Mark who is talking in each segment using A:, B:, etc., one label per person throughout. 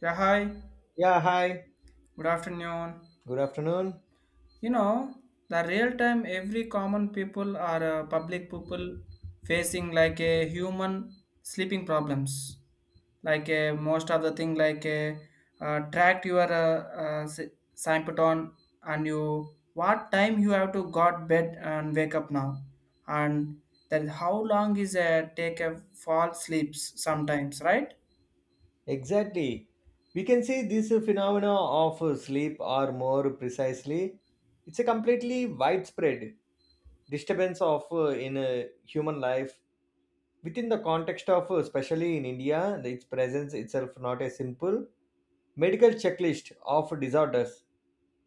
A: Yeah, hi.
B: Yeah, hi.
A: Good afternoon.
B: Good afternoon.
A: You know, the real time every common people or public people facing like a human sleeping problems. Like a most of the thing like a track your symptom and you what time you have to got bed and wake up now and then how long is a take a fall sleeps sometimes, right?
B: Exactly. We can see this phenomena of sleep, or more precisely, it's a completely widespread disturbance of in human life within the context of especially in India. Its presence itself not a simple medical checklist of disorders,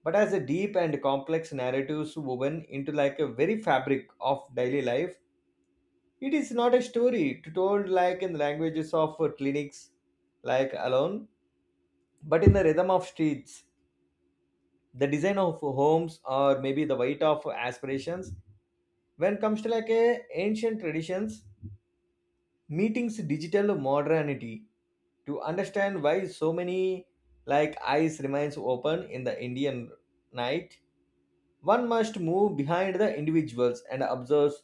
B: but as a deep and complex narratives woven into like a very fabric of daily life. It is not a story to told like in the languages of clinics, like alone, but in the rhythm of streets, the design of homes, or maybe the weight of aspirations. When comes to like a ancient traditions, meetings digital modernity to understand why so many like eyes remains open in the Indian night, one must move behind the individuals and observes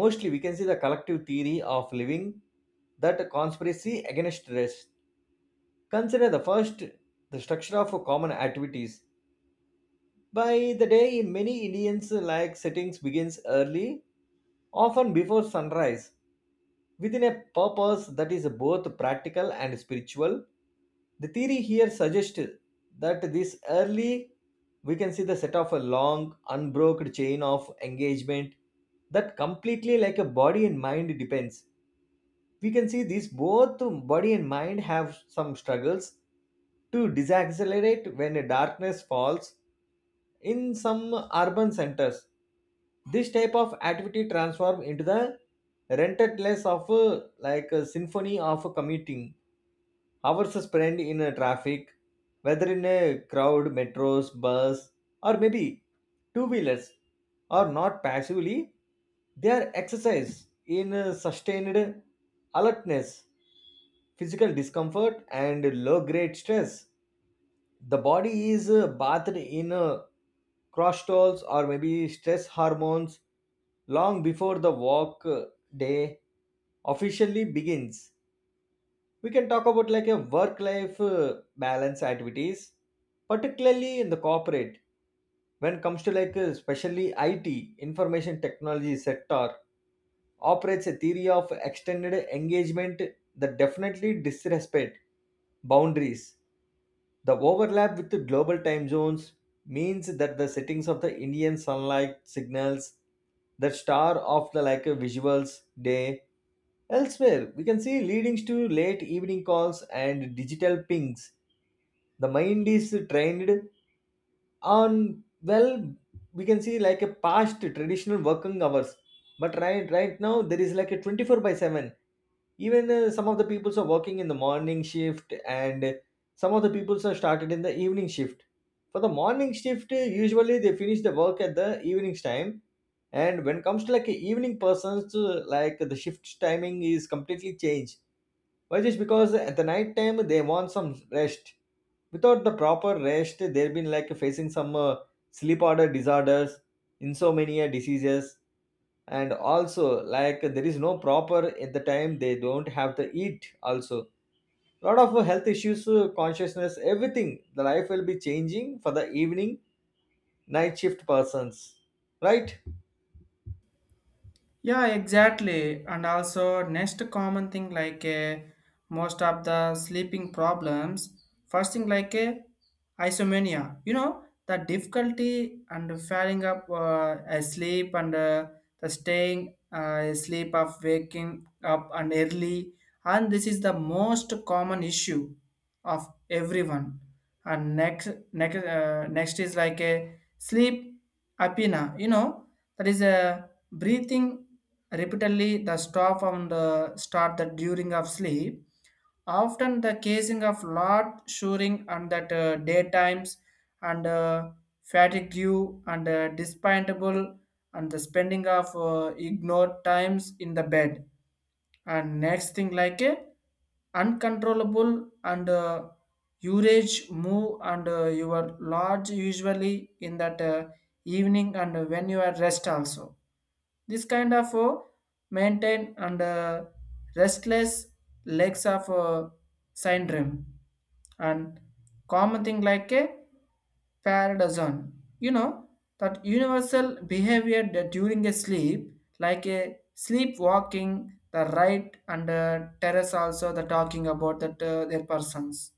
B: mostly. We can see the collective theory of living that conspiracy against rest. Consider the first the structure of common activities. By the day, many Indians like settings begins early, often before sunrise within a purpose that is both practical and spiritual. The theory here suggests that this early we can see the set of a long unbroken chain of engagement that completely like a body and mind depends. We can see these both body and mind have some struggles to decelerate when a darkness falls in some urban centers. This type of activity transform into the rented of a, like a symphony of commuting hours spent in a traffic, whether in a crowd metros bus or maybe two wheelers or not passively. They are exercise in a sustained alertness, physical discomfort and low grade stress. The body is bathed in cortisols or maybe stress hormones long before the work day officially begins. We can talk about like a work life balance activities, particularly in the corporate. When it comes to like especially it information technology sector, operates a theory of extended engagement that definitely disrespect boundaries. The overlap with the global time zones means that the settings of the Indian sunlight signals the star of the like a visuals day. Elsewhere, we can see leadings to late evening calls and digital pings. The mind is trained on well, we can see like a past traditional working hours, but right now there is like a 24 by 7. Even some of the peoples are working in the morning shift and some of the peoples are started in the evening shift. For the morning shift usually they finish the work at the evening time, and when it comes to like a evening persons, like the shift timing is completely changed. Why? Just because at the night time they want some rest. Without the proper rest they've been like facing some sleep order disorders, insomnia diseases, and also like there is no proper at the time they don't have to eat also. Lot of health issues, consciousness, everything the life will be changing for the evening night shift persons, right?
A: Yeah, exactly. And also, next common thing like most of the sleeping problems, first thing like isomania, you know, the difficulty and falling up asleep and the staying asleep of waking up and early. And this is the most common issue of everyone. And next is like a sleep apnea, you know, that is a breathing repeatedly the stop and the start that during of sleep, often the casing of lot shoring and that daytimes and fatigue and despintable and the spending of ignored times in the bed, and next thing like a uncontrollable and urge move and your lodge usually in that evening, and when you are rest also, this kind of maintain and restless legs of syndrome, and common thing like a paradoxon. You know that universal behavior that during a sleep, like a sleepwalking, the right and terrace also the talking about that their persons,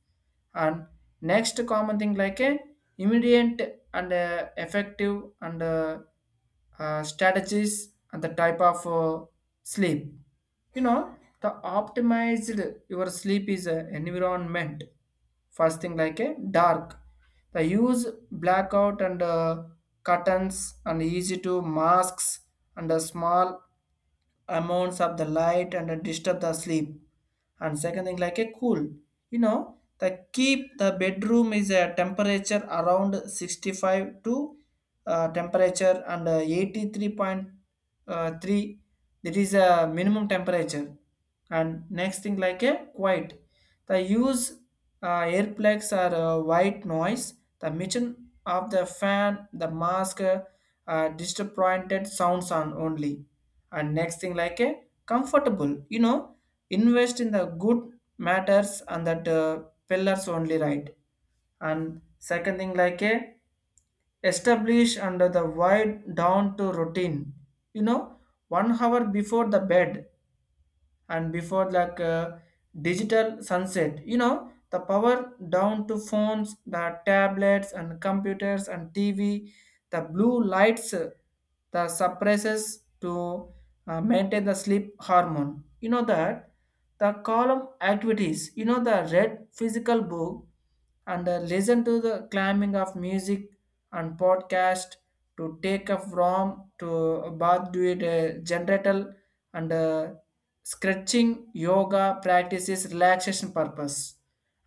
A: and next common thing like a immediate and effective and strategies and the type of sleep, you know, the optimized your sleep is a environment. First thing like a dark, the use blackout and curtains and easy to masks, and a small amounts of the light and disturb the sleep. And second thing like a cool, you know, the keep the bedroom is a temperature around 65 to temperature and 83.3, that is a minimum temperature. And next thing like a quiet, the use earplugs or white noise, the mission of the fan, the mask disappointed sounds on only. And next thing like a comfortable, you know, invest in the good matters and that pillars only, right? And second thing like a establish under the wide down to routine, you know, 1 hour before the bed, and before like digital sunset, you know, the power down to phones, the tablets and computers and TV. The blue lights the suppresses to maintain the sleep hormone, you know, that the column activities, you know, the read physical book and listen to the climbing of music and podcast, to take a from to about do it generator, and stretching yoga practices relaxation purpose.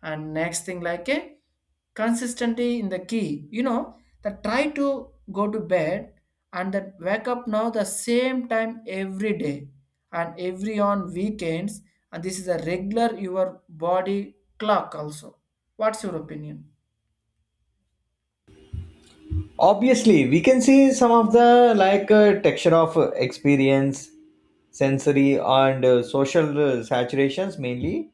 A: And next thing like a consistency in the key, you know, that try to go to bed and that wake up now the same time every day and every on weekends, and this is a regular your body clock also. What's your opinion?
B: Obviously we can see some of the like texture of experience, sensory and social saturations mainly.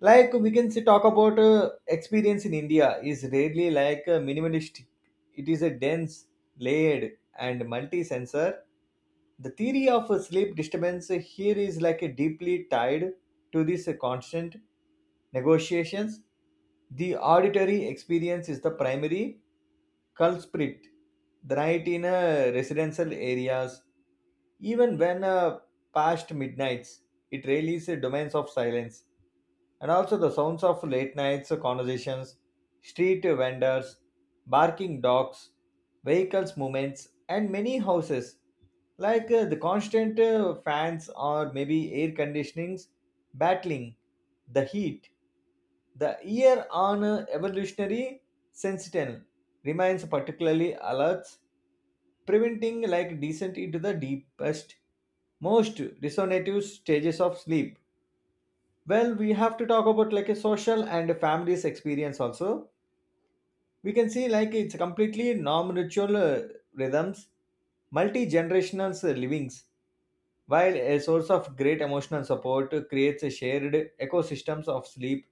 B: Like we can see talk about experience in India is rarely like minimalist. It is a dense, layered, and multi-sensor. The theory of a sleep disturbance here is like a deeply tied to this constant negotiations. The auditory experience is the primary culprit. The night in residential areas, even when past midnights, it rarely is a domains of silence, and also the sounds of late nights conversations, street vendors, barking dogs, vehicles movements, and many houses like the constant fans or maybe air conditionings battling the heat. The ear on evolutionary sentinel remains particularly alert, preventing like descent into the deepest, most resonative stages of sleep. Well, we have to talk about like a social and a family's experience also. We can see like it's completely non-ritual rhythms, multi-generational livings, while a source of great emotional support creates a shared ecosystems of sleep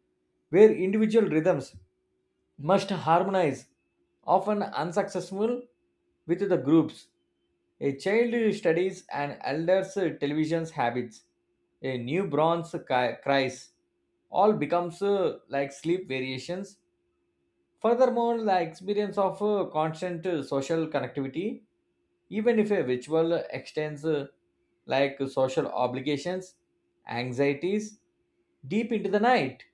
B: where individual rhythms must harmonize, often unsuccessful with the groups. A child studies an elder's television's habits. A new bronze cries. All becomes like sleep variations. Furthermore, the experience of constant social connectivity, even if a ritual extends like social obligations, anxieties, deep into the night.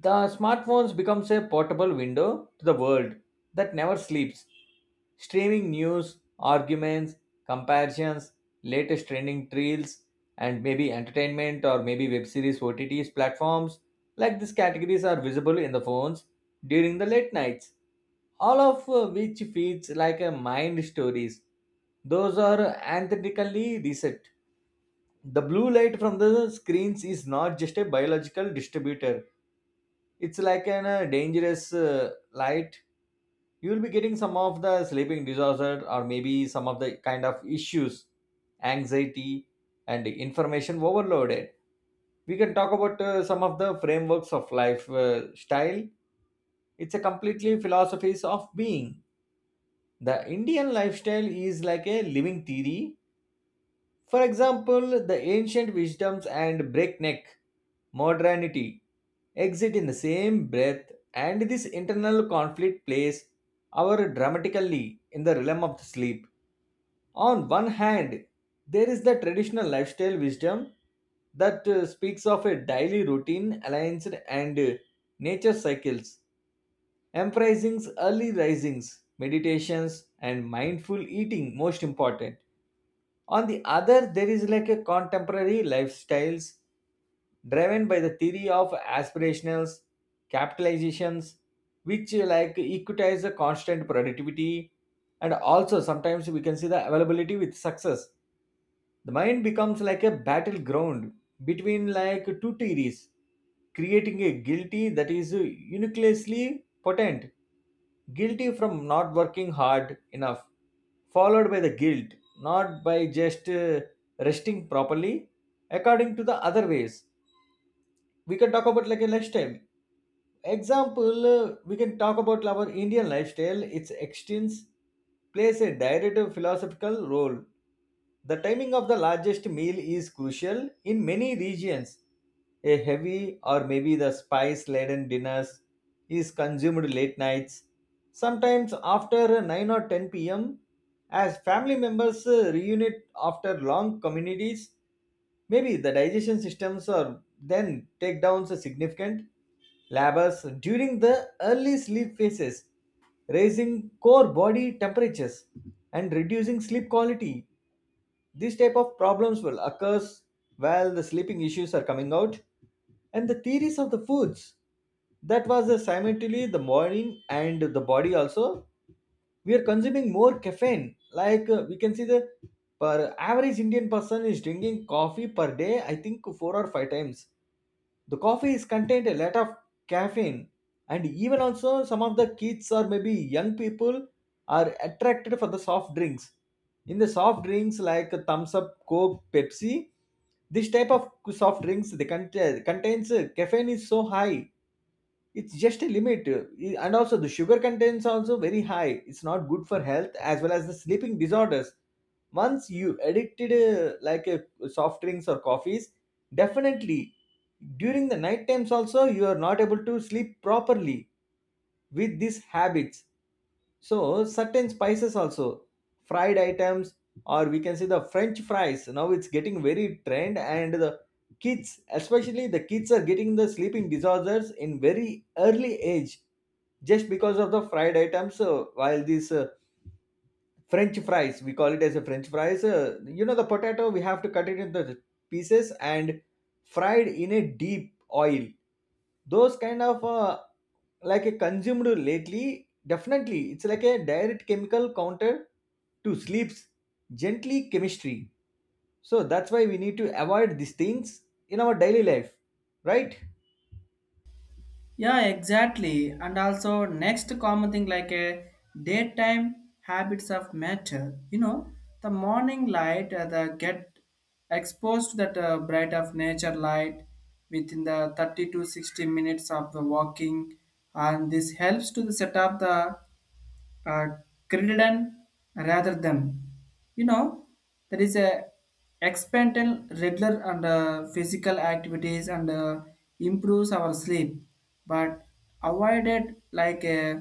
B: The smartphones becomes a portable window to the world that never sleeps. Streaming news, arguments, comparisons, latest trending trails, and maybe entertainment or maybe web series OTTs platforms, like these categories are visible in the phones during the late nights. All of which feeds like a mind stories. Those are antithetically reset. The blue light from the screens is not just a biological distributor, it's like an dangerous light. You will be getting some of the sleeping disorder or maybe some of the kind of issues, anxiety and information overloaded. We can talk about some of the frameworks of life style. It's a completely philosophies of being. The Indian lifestyle is like a living theory. For example, the ancient wisdoms and breakneck modernity exist in the same breath, and this internal conflict plays our dramatically in the realm of sleep. On one hand, there is the traditional lifestyle wisdom that speaks of a daily routine, alliance, and nature cycles, emphasizing early risings, meditations, and mindful eating, most important. On the other there is like a contemporary lifestyles driven by the theory of aspirationals capitalizations which like equitize the constant productivity, and also sometimes we can see the availability with success. The mind becomes like a battleground between like two theories, creating a guilty that is uniquely potent, guilty from not working hard enough, followed by the guilt not by just resting properly according to the other ways. We can talk about like a lifestyle example. We can talk about our Indian lifestyle. Its extents plays a direct philosophical role. The timing of the largest meal is crucial in many regions. A heavy or maybe the spice laden dinners is consumed late nights, sometimes after 9 or 10 p.m. as family members reunite after long communities. Maybe the digestion systems are then takedowns are significant labors during the early sleep phases, raising core body temperatures and reducing sleep quality. These type of problems will occur while the sleeping issues are coming out. And the theories of the foods, that was the simultaneously the morning and the body also, we are consuming more caffeine. Like we can see the per average Indian person is drinking coffee per day, I think four or five times. The coffee is contained a lot of caffeine, and even also some of the kids or maybe young people are attracted for the soft drinks. In the soft drinks like Thumbs Up, Coke, Pepsi, this type of soft drinks they contains caffeine is so high. It's just a limit, and also the sugar contents also very high. It's not good for health as well as the sleeping disorders. Once you addicted soft drinks or coffees, definitely during the night times also you are not able to sleep properly with these habits. So certain spices also, fried items, or we can say the French fries. Now it's getting very trend, and the kids, especially the kids, are getting the sleeping disorders in very early age just because of the fried items. While these French fries, we call it as a French fries. You know the potato, we have to cut it into pieces and fried in a deep oil. Those kind of like a consumed lately, definitely it's like a direct chemical counter to sleep's gently chemistry. So that's why we need to avoid these things in our daily life, right?
A: Yeah, exactly. And also, next common thing like a daytime habits of matter. You know, the morning light the get exposed to that bright of nature light within the 30 to 60 minutes of the walking, and this helps to the set up the uh, Crittenden rather than. You know, there is a expandal regular and physical activities and improves our sleep, but avoided like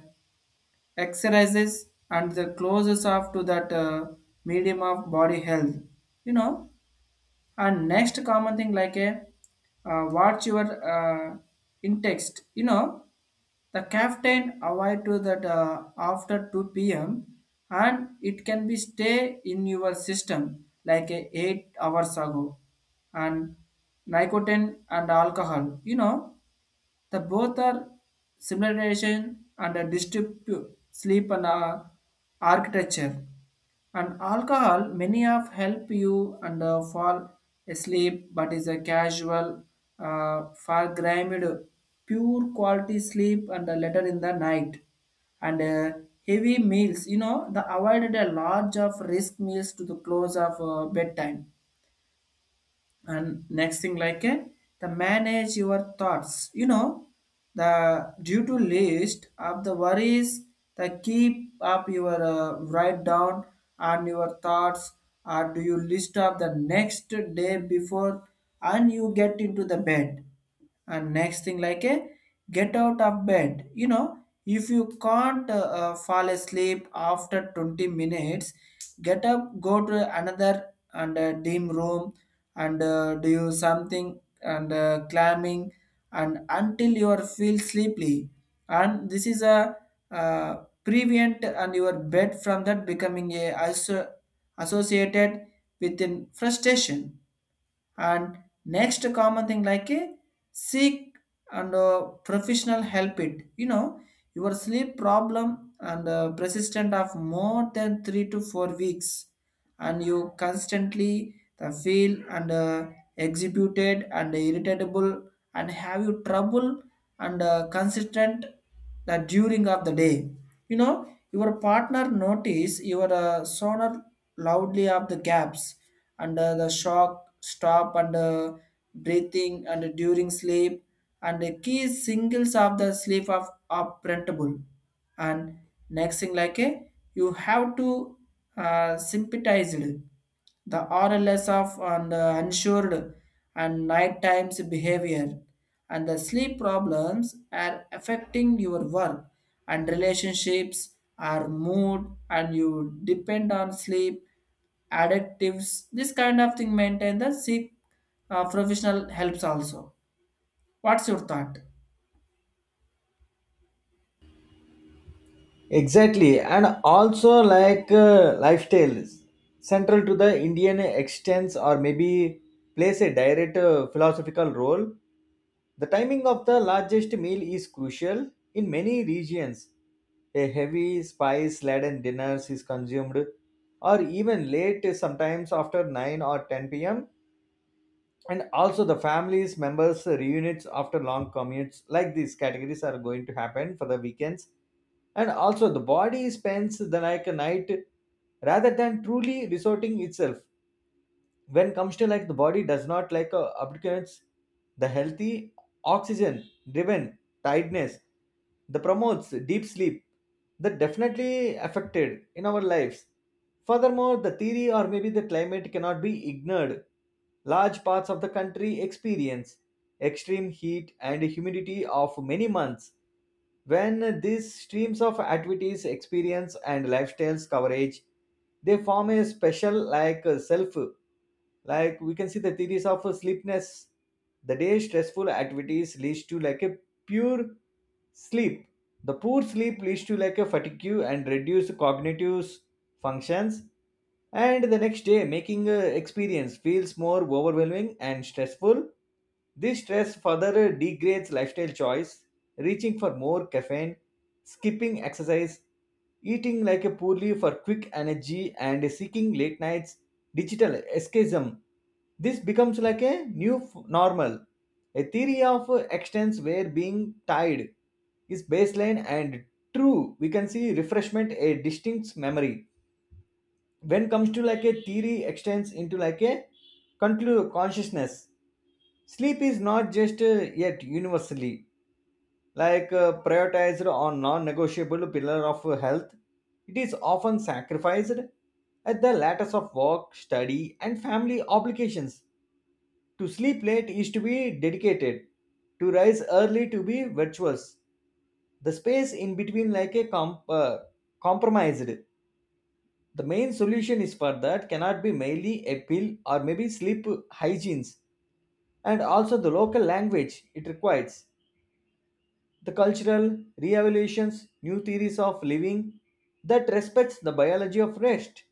A: exercises and the closest off to that medium of body health. You know, and next common thing like a what's your in text, you know, the captain avoid to that after 2 p.m and it can be stay in your system like a 8 hours ago, and nicotine and alcohol, you know, the both are simulation and a distribute sleep and architecture. And alcohol, many of help you and fall asleep, but is a casual, forgrimed, pure quality sleep and later in the night. And heavy meals, you know, the avoided a large of risk meals to the close of bedtime, and next thing like the manage your thoughts, you know, the due to list of the worries, the keep up your write down on your thoughts or do you list up the next day before and you get into the bed, and next thing like a get out of bed, you know, if you can't fall asleep after 20 minutes, get up, go to another and dim room, and do something and climbing, and until you are feel sleepy. And this is a uh, prevent and your bed from that becoming a associated with an frustration, and next common thing like a seek and professional help it, you know, your sleep problem and persistent of more than 3 to 4 weeks, and you constantly the feel and executed and irritable, and have you trouble and consistent that during of the day, you know, your partner notice your sonar loudly of the gaps and the shock stop and breathing and during sleep, and the key singles of the sleep of are printable, and next thing like a you have to sympathize it the RLS of and unsure and night times behavior, and the sleep problems are affecting your work and relationships or mood, and you depend on sleep addictives, this kind of thing maintain the seek professional helps also. What's your thought?
B: Exactly, and also like lifestyle central to the Indian extents or maybe plays a direct philosophical role. The timing of the largest meal is crucial in many regions. A heavy, spice laden dinner is consumed, or even late, sometimes after 9 or 10 pm. And also, the families members reunites after long commutes. Like these categories are going to happen for the weekends. And also, the body spends the like a night rather than truly resorting itself. When comes to like the body does not like abdicates the healthy oxygen driven tiredness that promotes deep sleep, that definitely affected in our lives. Furthermore, the theory or maybe the climate cannot be ignored. Large parts of the country experience extreme heat and humidity of many months. When these streams of activities, experience, and lifestyles coverage, they form a special like self. Like we can see the theories of sleepness. The day stressful activities leads to like a pure sleep. The poor sleep leads to like a fatigue and reduced cognitive functions, and the next day, making experience feels more overwhelming and stressful. This stress further degrades lifestyle choice, reaching for more caffeine, skipping exercise, eating like a poorly for quick energy, and seeking late nights, digital escapism. This becomes like a new normal. A theory of extents where being tied is baseline and true. We can see refreshment a distinct memory when comes to like a theory extends into like a conclude consciousness. Sleep is not just yet universally like prioritized or non-negotiable pillar of health. It is often sacrificed at the lattice of work study and family obligations. To sleep late is to be dedicated, to rise early to be virtuous. The space in between like a compromised. The main solution is for that cannot be mainly appeal or maybe sleep hygienes, and also the local language it requires the cultural re-evaluations, new theories of living that respects the biology of rest.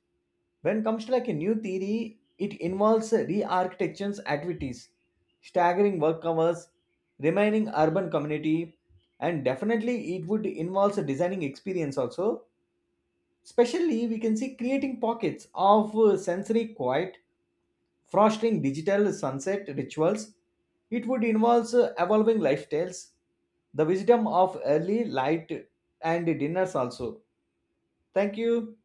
B: When comes to like a new theory it involves re-architectures activities, staggering work hours, remaining urban community, and definitely it would involve designing experience also. Especially, we can see creating pockets of sensory quiet, fostering digital sunset rituals. It would involve evolving lifestyles, the wisdom of early light and dinners also. Thank you.